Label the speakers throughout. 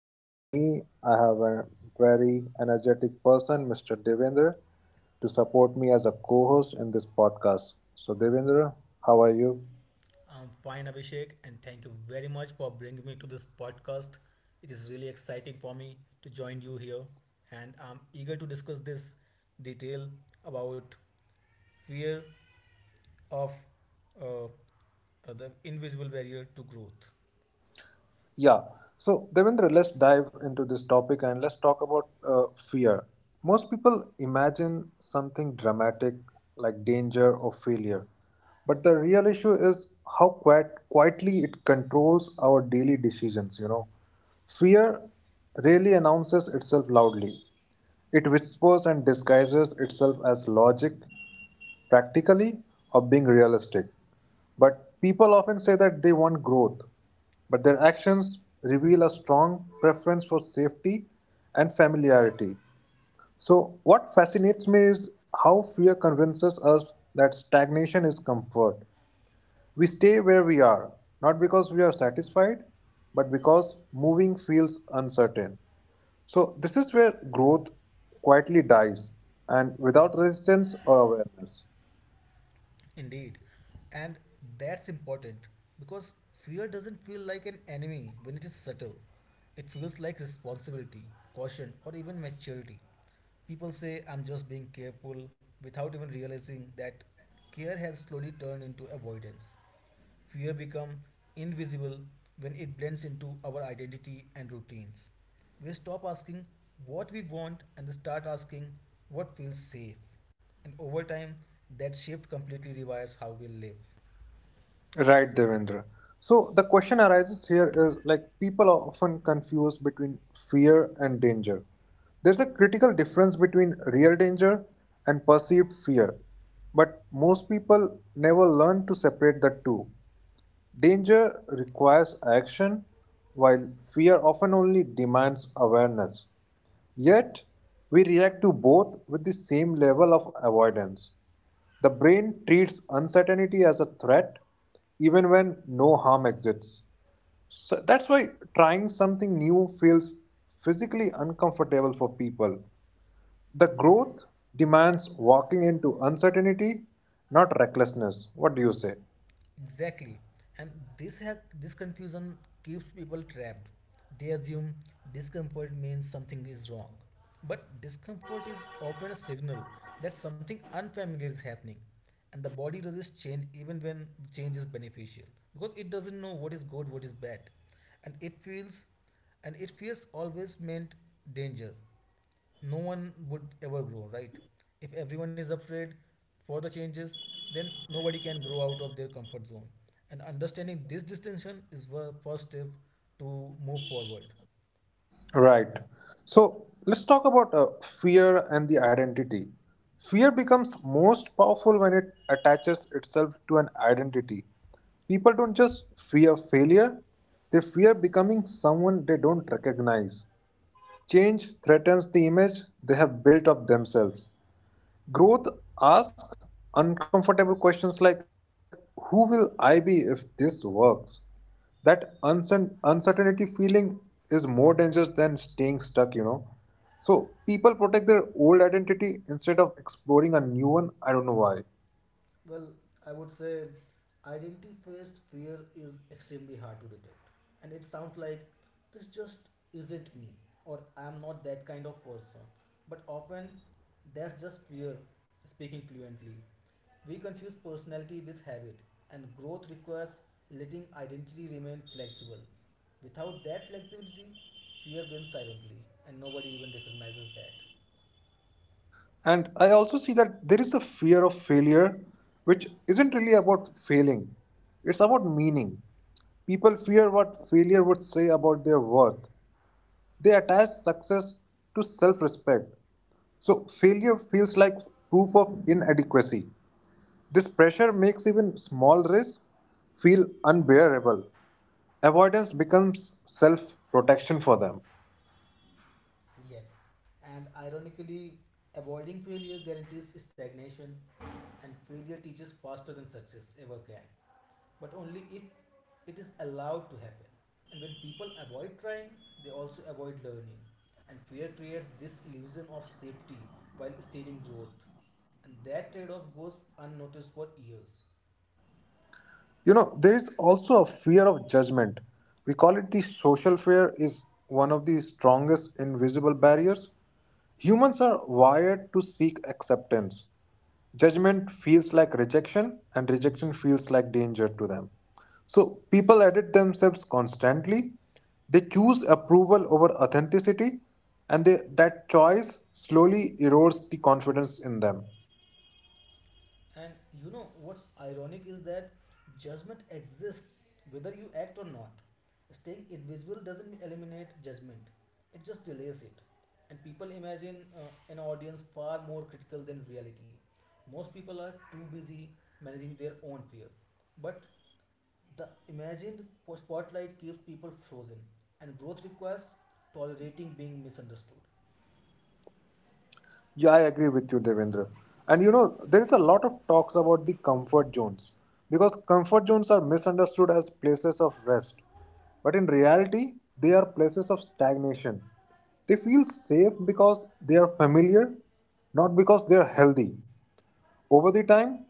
Speaker 1: And with me, I have a very energetic person, Mr. Devendra, to support me as a co host in this podcast. So, Devendra, how are you?
Speaker 2: I'm fine, Abhishek, and thank you very much for bringing me to this podcast. It is really exciting for me to join you here, and I'm eager to discuss this detail about fear of uh, uh, the invisible barrier to growth.
Speaker 1: Yeah. So, Devendra, let's dive into this topic and let's talk about fear. Most people imagine something dramatic like danger or failure, but the real issue is how quietly it controls our daily decisions. You know, fear really announces itself loudly. It whispers and disguises itself as logic, practically or being realistic. But people often say that they want growth, but their actions reveal a strong preference for safety and familiarity. So, what fascinates me is how fear convinces us that stagnation is comfort. We stay where we are, not because we are satisfied, but because moving feels uncertain. So, this is where growth quietly dies and without resistance or awareness.
Speaker 2: Indeed. And that's important because fear doesn't feel like an enemy when it is subtle. It feels like responsibility, caution, or even maturity. People say, I'm just being careful without even realizing that care has slowly turned into avoidance. Fear becomes invisible when it blends into our identity and routines. We stop asking what we want and start asking what feels safe. And over time, that shift completely rewires how we live.
Speaker 1: Right, Devendra. So the question arises here is like people are often confused between fear and danger. There's a critical difference between real danger and perceived fear, but most people never learn to separate the two. Danger requires action, while fear often only demands awareness. Yet, we react to both with the same level of avoidance. The brain treats uncertainty as a threat even when no harm exists. So that's why trying something new feels physically uncomfortable for people. The growth demands walking into uncertainty, not recklessness. What do you say?
Speaker 2: Exactly. And this confusion keeps people trapped. They assume discomfort means something is wrong. But discomfort is often a signal that something unfamiliar is happening. And the body resists change even when change is beneficial. Because it doesn't know what is good, what is bad. And it feels always meant danger no one would ever grow, right? If everyone is afraid for the changes, then nobody can grow out of their comfort zone. And understanding this distinction is the first step to move forward.
Speaker 1: Right. So let's talk about fear and the identity. Fear becomes most powerful when it attaches itself to an identity. People don't just fear failure, they fear becoming someone they don't recognize. Change threatens the image they have built of themselves. Growth asks uncomfortable questions like, who will I be if this works? That uncertainty feeling is more dangerous than staying stuck, you know. So people protect their old identity instead of exploring a new one. I don't know why.
Speaker 2: Well, I would say identity based fear is extremely hard to detect. And it sounds like this just isn't me or I'm not that kind of person. But often that's just fear speaking fluently. We confuse personality with habit, and growth requires letting identity remain flexible. Without that flexibility, fear wins silently, and nobody even recognizes that.
Speaker 1: And I also see that there is a fear of failure, which isn't really about failing, it's about meaning. People fear what failure would say about their worth. They attach success to self respect. So failure feels like proof of inadequacy. This pressure makes even small risks feel unbearable. Avoidance becomes self protection for them.
Speaker 2: Yes, and ironically, avoiding failure guarantees stagnation, and failure teaches faster than success ever can. But only if it is allowed to happen. And when people avoid trying, they also avoid learning. And fear creates this illusion of safety while stealing growth. And that trade off goes unnoticed for years.
Speaker 1: You know, there is also a fear of judgment. We call it the social fear is one of the strongest invisible barriers. Humans are wired to seek acceptance. Judgment feels like rejection and rejection feels like danger to them. So people edit themselves constantly. They choose approval over authenticity and that choice slowly erodes the confidence in them.
Speaker 2: And you know what's ironic is that judgment exists whether you act or not. Staying invisible doesn't eliminate judgment, it just delays it. And people imagine an audience far more critical than reality. Most people are too busy managing their own fears. But the imagined spotlight keeps people frozen, and growth requires tolerating being misunderstood.
Speaker 1: Yeah, I agree with you, Devendra. And you know, there is a lot of talks about the comfort zones because comfort zones are misunderstood as places of rest. But in reality, they are places of stagnation. They feel safe because they are familiar, not because they are healthy. Over the time,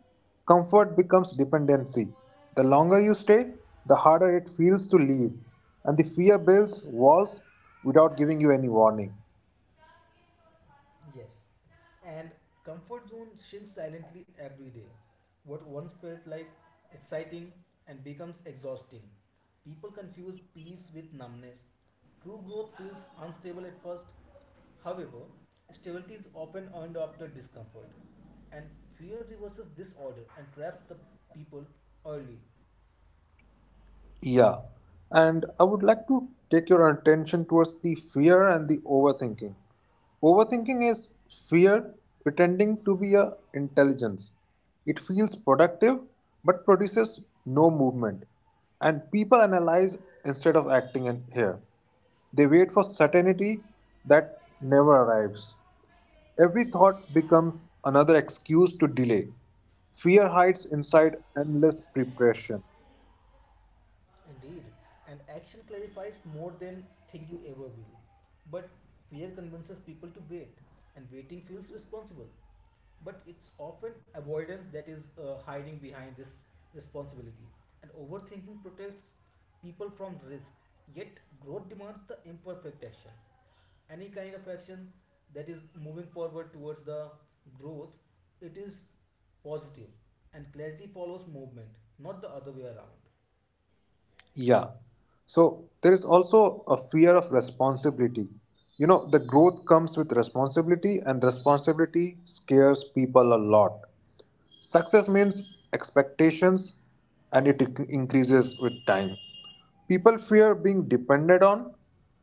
Speaker 1: comfort becomes dependency. The longer you stay, the harder it feels to leave, and the fear builds walls without giving you any warning.
Speaker 2: Yes. And comfort zone shrinks silently every day. What once felt like exciting and becomes exhausting. People confuse peace with numbness. True growth feels unstable at first. However, stability is often earned after discomfort. And fear reverses this order and traps the people early.
Speaker 1: Yeah, and I would like to take your attention towards the fear and the overthinking. Overthinking is fear pretending to be a intelligence. It feels productive but produces no movement. And people analyze instead of acting in here. They wait for certainty that never arrives. Every thought becomes another excuse to delay. Fear hides inside endless preparation.
Speaker 2: Indeed, and action clarifies more than thinking ever will. But fear convinces people to wait, and waiting feels responsible. But it's often avoidance that is hiding behind this responsibility. And overthinking protects people from risk, yet, growth demands the imperfect action. Any kind of action that is moving forward towards the growth, it is positive, and clarity follows movement, not the other way around.
Speaker 1: Yeah. So there is also a fear of responsibility. You know, the growth comes with responsibility, and responsibility scares people a lot. Success means expectations and it increases with time. People fear being depended on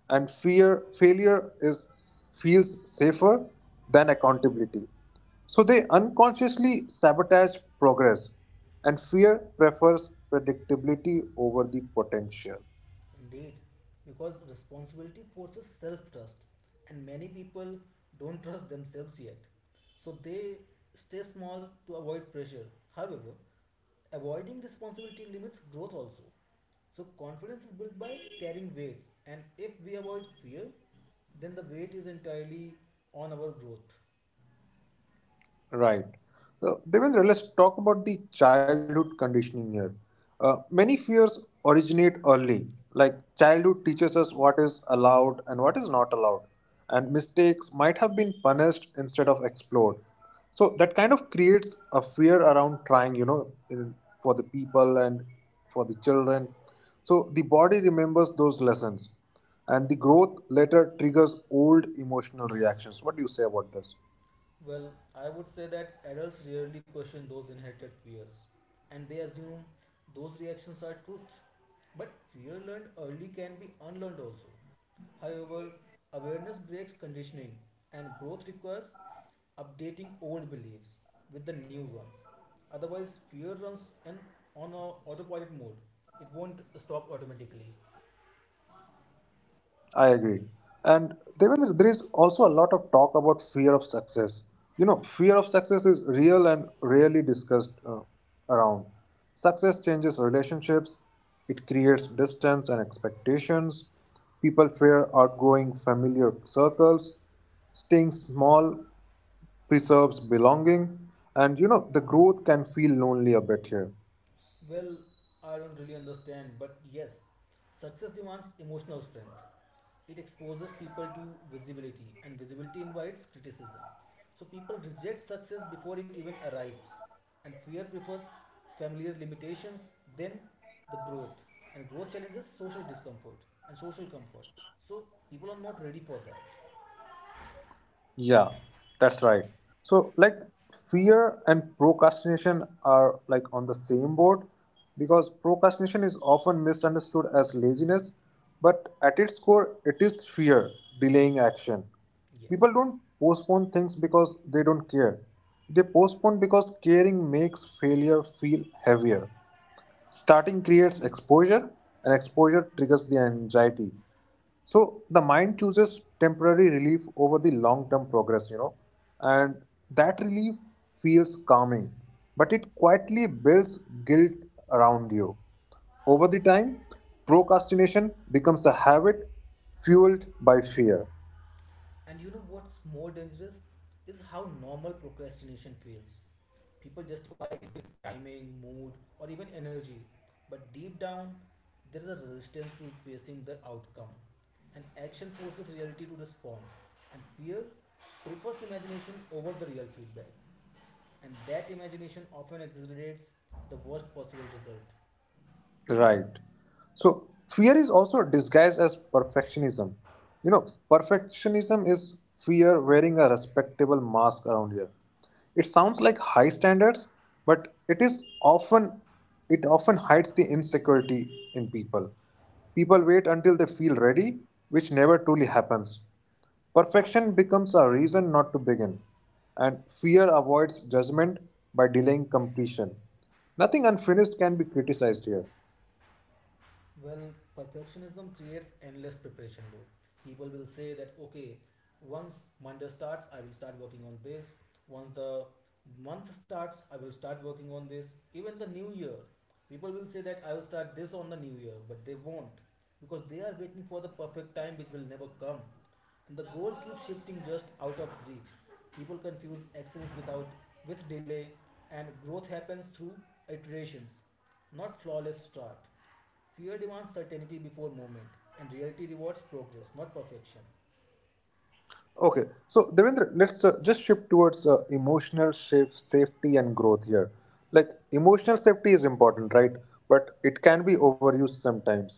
Speaker 1: and fear failure is feels safer than accountability. So they unconsciously sabotage progress and fear prefers predictability over the potential.
Speaker 2: Indeed, because responsibility forces self trust, and many people don't trust themselves yet. So they stay small to avoid pressure. However, avoiding responsibility limits growth also. So confidence is built by carrying weights, and if we avoid fear, then the weight is entirely on our growth.
Speaker 1: Right. Devendra, let's talk about the childhood conditioning here. Many fears originate early. Like childhood teaches us what is allowed and what is not allowed, and mistakes might have been punished instead of explored. So that kind of creates a fear around trying, you know, for the people and for the children. So the body remembers those lessons, and the growth later triggers old emotional reactions. What do you say about this?
Speaker 2: Well, I would say that adults rarely question those inherited fears and they assume those reactions are truth. But fear learned early can be unlearned also. However, awareness breaks conditioning and growth requires updating old beliefs with the new ones. Otherwise, fear runs in on a autopilot mode. It won't stop automatically.
Speaker 1: I agree. And Devendra, there is also a lot of talk about fear of success. You know, fear of success is real and rarely discussed around. Success changes relationships, it creates distance and expectations. People fear outgrowing familiar circles. Staying small preserves belonging. And you know, the growth can feel lonely a bit here.
Speaker 2: Well, I don't really understand, but yes, success demands emotional strength. It exposes people to visibility, and visibility invites criticism. So people reject success before it even arrives, and fear prefers familiar limitations than the growth. And growth challenges social discomfort and social comfort. So people are not ready for that.
Speaker 1: Yeah, that's right. So, like, fear and procrastination are like on the same board because procrastination is often misunderstood as laziness, but at its core, it is fear delaying action. People
Speaker 2: Yes.
Speaker 1: don't postpone things because they don't care, they postpone because caring makes failure feel heavier. Starting creates exposure, and exposure triggers the anxiety. So the mind chooses temporary relief over the long term progress, you know, and that relief feels calming, but it quietly builds guilt around you. Over the time, procrastination becomes a habit fueled by fear.
Speaker 2: And you know what's more dangerous is how normal procrastination feels. People justify it with timing, mood, or even energy, but deep down, there is a resistance to facing the outcome. And action forces reality to respond, and fear prefers imagination over the real feedback. And that imagination often exaggerates the worst possible result.
Speaker 1: Right. So fear is also disguised as perfectionism. You know, perfectionism is fear wearing a respectable mask around here. It sounds like high standards, but it often hides the insecurity in people. People wait until they feel ready, which never truly happens. Perfection becomes a reason not to begin, and fear avoids judgment by delaying completion. Nothing unfinished can be criticized here.
Speaker 2: Well, perfectionism creates endless preparation loop. People will say that okay, once Monday starts, I will start working on this. Once the month starts, I will start working on this. Even the new year, people will say that I will start this on the new year, but they won't because they are waiting for the perfect time which will never come. And the goal keeps shifting just out of reach. People confuse excellence without with delay, and growth happens through iterations, not flawless start. Fear demands certainty before movement, and reality rewards progress, not perfection.
Speaker 1: Okay, so Devendra, let's just shift towards emotional safety and growth here. Like emotional safety is important, right? But it can be overused sometimes.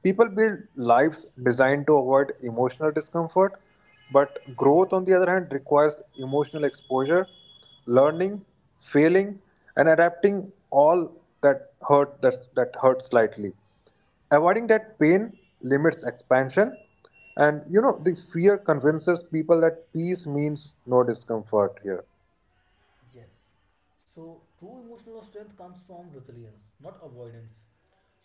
Speaker 1: People build lives designed to avoid emotional discomfort, but growth, on the other hand, requires emotional exposure, learning, failing, and adapting all that hurts slightly. Avoiding that pain limits expansion. And you know, the fear convinces people that peace means no discomfort here.
Speaker 2: Yes. So, true emotional strength comes from resilience, not avoidance.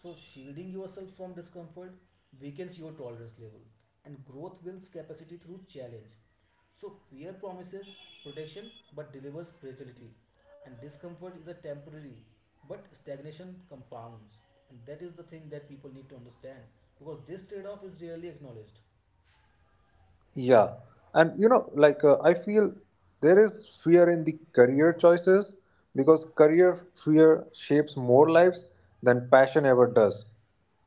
Speaker 2: So, shielding yourself from discomfort weakens your tolerance level, and growth builds capacity through challenge. So, fear promises protection but delivers fragility, and discomfort is a temporary, but stagnation compounds. And that is the thing that people need to understand because this trade off is rarely acknowledged.
Speaker 1: Yeah. And you know, like I feel there is fear in the career choices because career fear shapes more lives than passion ever does.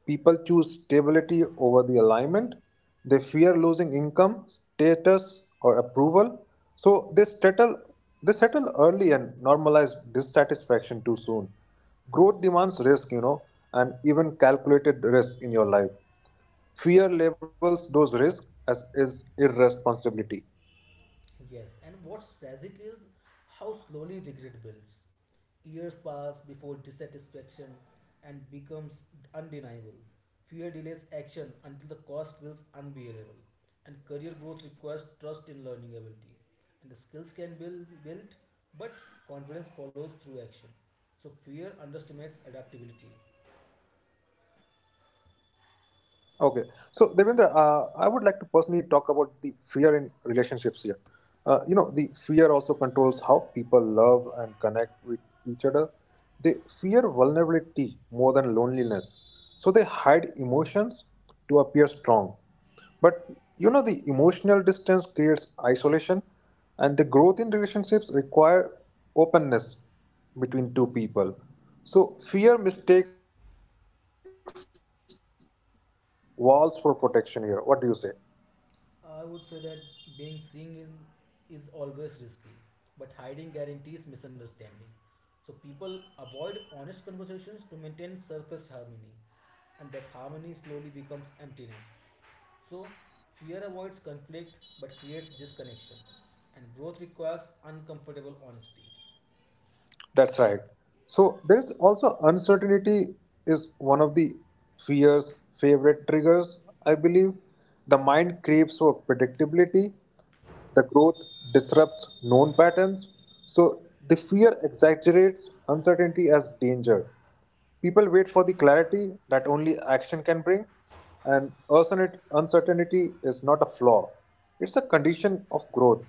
Speaker 1: People choose stability over the alignment. They fear losing income, status, or approval. So they settle early and normalize dissatisfaction too soon. Growth demands risk, you know, and even calculated risk in your life fear labels those risks as is irresponsibility.
Speaker 2: Yes, and what's tragic is how slowly regret builds. Years pass before dissatisfaction and becomes undeniable. Fear delays action until the cost feels unbearable. And career growth requires trust in learning ability. And the skills can be built, but confidence follows through action. So fear underestimates adaptability.
Speaker 1: Okay, so Devendra, I would like to personally talk about the fear in relationships here. You know, the fear also controls how people love and connect with each other. They fear vulnerability more than loneliness, so they hide emotions to appear strong. But you know, the emotional distance creates isolation, and the growth in relationships require openness between two people. So fear mistakes walls for protection here. What do you say?
Speaker 2: I would say that being seen is always risky, but hiding guarantees misunderstanding. So people avoid honest conversations to maintain surface harmony, and that harmony slowly becomes emptiness. So fear avoids conflict but creates disconnection, and growth requires uncomfortable honesty.
Speaker 1: That's right. So there is also uncertainty is one of the fear's favorite triggers, I believe. The mind craves for predictability. The growth disrupts known patterns. So the fear exaggerates uncertainty as danger. People wait for the clarity that only action can bring, and uncertainty is not a flaw. It's a condition of growth.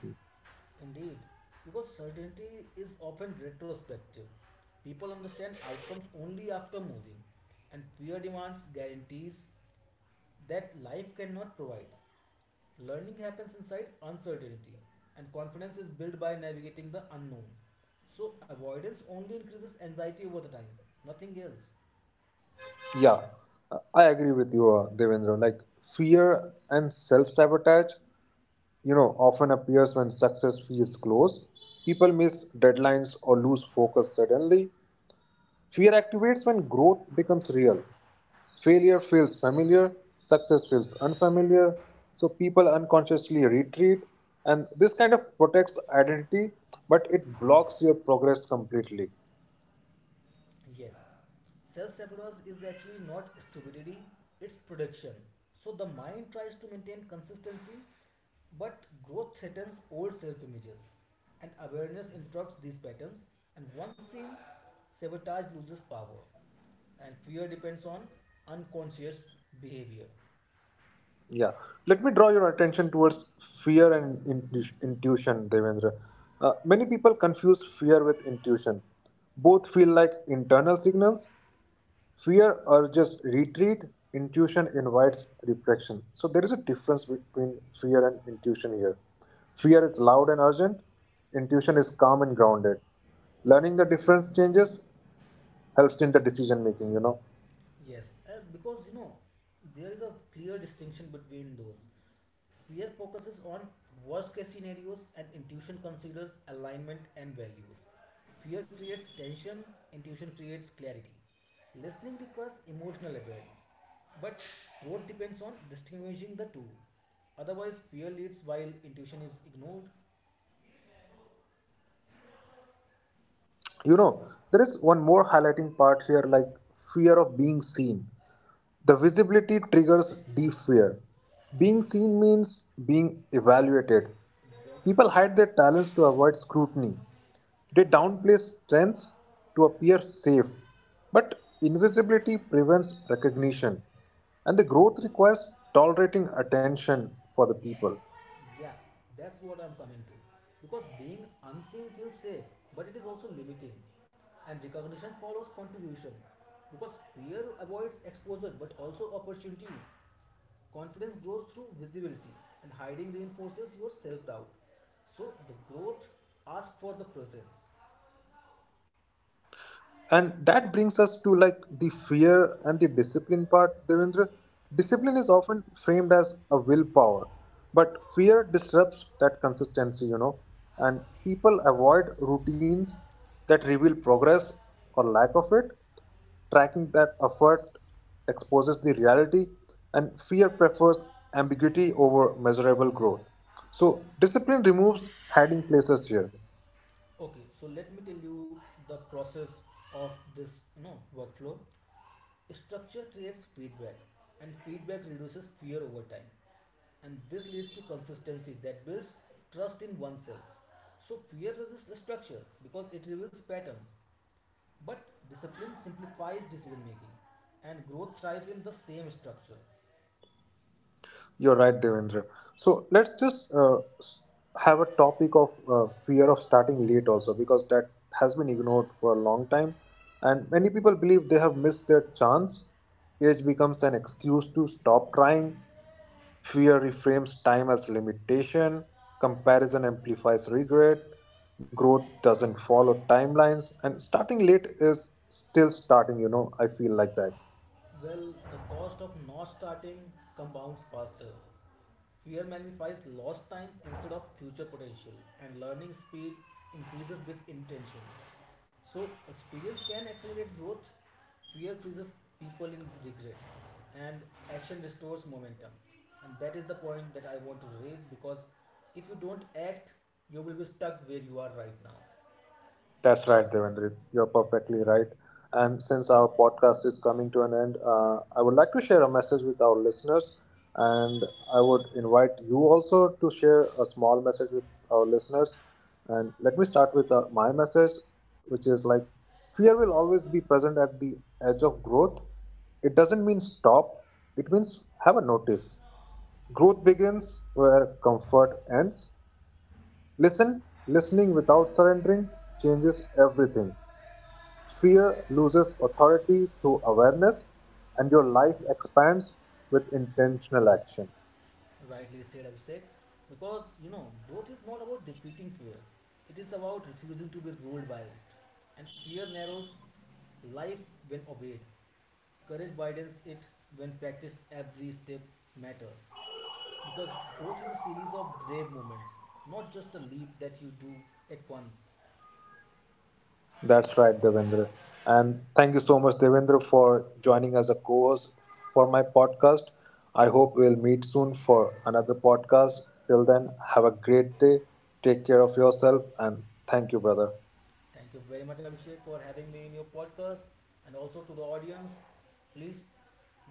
Speaker 2: Indeed, because certainty is often retrospective, people understand outcomes only after moving, and fear demands guarantees that life cannot provide. Learning happens inside uncertainty, and confidence is built by navigating the unknown. So, avoidance only increases anxiety over the time, nothing else.
Speaker 1: Yeah, I agree with you, Devendra. Like fear and self-sabotage, you know, often appears when success feels close. People miss deadlines or lose focus suddenly. Fear activates when growth becomes real. Failure feels familiar, success feels unfamiliar, so people unconsciously retreat, and this kind of protects identity, but it blocks your progress completely.
Speaker 2: Yes. Self sabotage is actually not stupidity, it's production. So the mind tries to maintain consistency, but growth threatens old self images. And awareness interrupts these patterns, and once seen, sabotage loses power. And fear depends on unconscious behavior.
Speaker 1: Yeah, let me draw your attention towards fear and intuition, Devendra. Many people confuse fear with intuition. Both feel like internal signals. Fear urges retreat, intuition invites reflection. So there is a difference between fear and intuition here. Fear is loud and urgent, intuition is calm and grounded. Learning the difference changes helps in the decision making, you know.
Speaker 2: Yes, because you know there is a clear distinction between those. Fear focuses on worst case scenarios, and intuition considers alignment and values. Fear creates tension, intuition creates clarity. Listening requires emotional awareness, but growth depends on distinguishing the two. Otherwise, fear leads while intuition is ignored.
Speaker 1: You know, there is one more highlighting part here like fear of being seen. The visibility triggers deep fear. Being seen means being evaluated. People hide
Speaker 2: Exactly.
Speaker 1: their talents to avoid scrutiny. They downplay strengths to appear safe, but invisibility prevents recognition, and the growth requires tolerating attention for the people.
Speaker 2: Yeah, that's what I'm coming to. Because being unseen feels safe, but it is also limiting. And recognition follows contribution. Because fear avoids exposure but also opportunity. Confidence grows through visibility, and hiding reinforces your self doubt. So, the growth asks for the presence.
Speaker 1: And that brings us to like the fear and the discipline part, Devendra. Discipline is often framed as a willpower, but fear disrupts that consistency, you know, and people avoid routines that reveal progress or lack of it. Tracking that effort exposes the reality, and fear prefers ambiguity over measurable growth. So discipline removes hiding places here.
Speaker 2: Okay, so let me tell you the process of this, you know, workflow. Structure creates feedback, and feedback reduces fear over time. And this leads to consistency that builds trust in oneself. So, fear resists structure because it reveals patterns, but discipline simplifies decision making, and growth thrives in the same structure.
Speaker 1: You're right, Devendra. So let's just have a topic of fear of starting late also because that has been ignored for a long time, and many people believe they have missed their chance. Age becomes an excuse to stop trying. Fear reframes time as limitation. Comparison amplifies regret. Growth doesn't follow timelines, and starting late is still starting. You know, I feel like that.
Speaker 2: Well, the cost of not starting compounds faster. Fear magnifies lost time instead of future potential, and learning speed increases with intention. So, experience can accelerate growth, fear freezes people in regret, and action restores momentum. And that is the point that I want to raise because if you don't act, you will be stuck where you are right now.
Speaker 1: That's right, Devendrit. You're perfectly right. And since our podcast is coming to an end, I would like to share a message with our listeners. And I would invite you also to share a small message with our listeners. And let me start with my message, which is like fear will always be present at the edge of growth. It doesn't mean stop, it means have a notice. Growth begins where comfort ends. Listening without surrendering changes everything. Fear loses authority through awareness, and your life expands with intentional action.
Speaker 2: Rightly said, Abhishek. Because you know, growth is not about defeating fear, it is about refusing to be ruled by it. And fear narrows life when obeyed, courage widens it when practice every step matters. Because growth is a series of brave moments, not just a leap that you do at once.
Speaker 1: That's right, Devendra. And thank you so much, Devendra, for joining as a co host for my podcast. I hope we'll meet soon for another podcast. Till then, have a great day. Take care of yourself, and thank you, brother.
Speaker 2: Thank you very much, Abhishek, for having me in your podcast and also to the audience. Please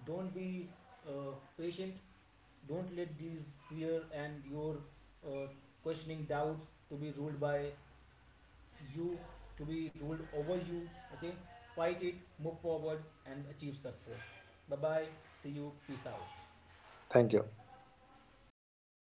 Speaker 2: don't be uh, patient, don't let these fear and your uh, questioning doubts to be ruled by you to be ruled over you. Okay, fight it, move forward, and achieve success. Bye bye. See you. Peace out.
Speaker 1: Thank you.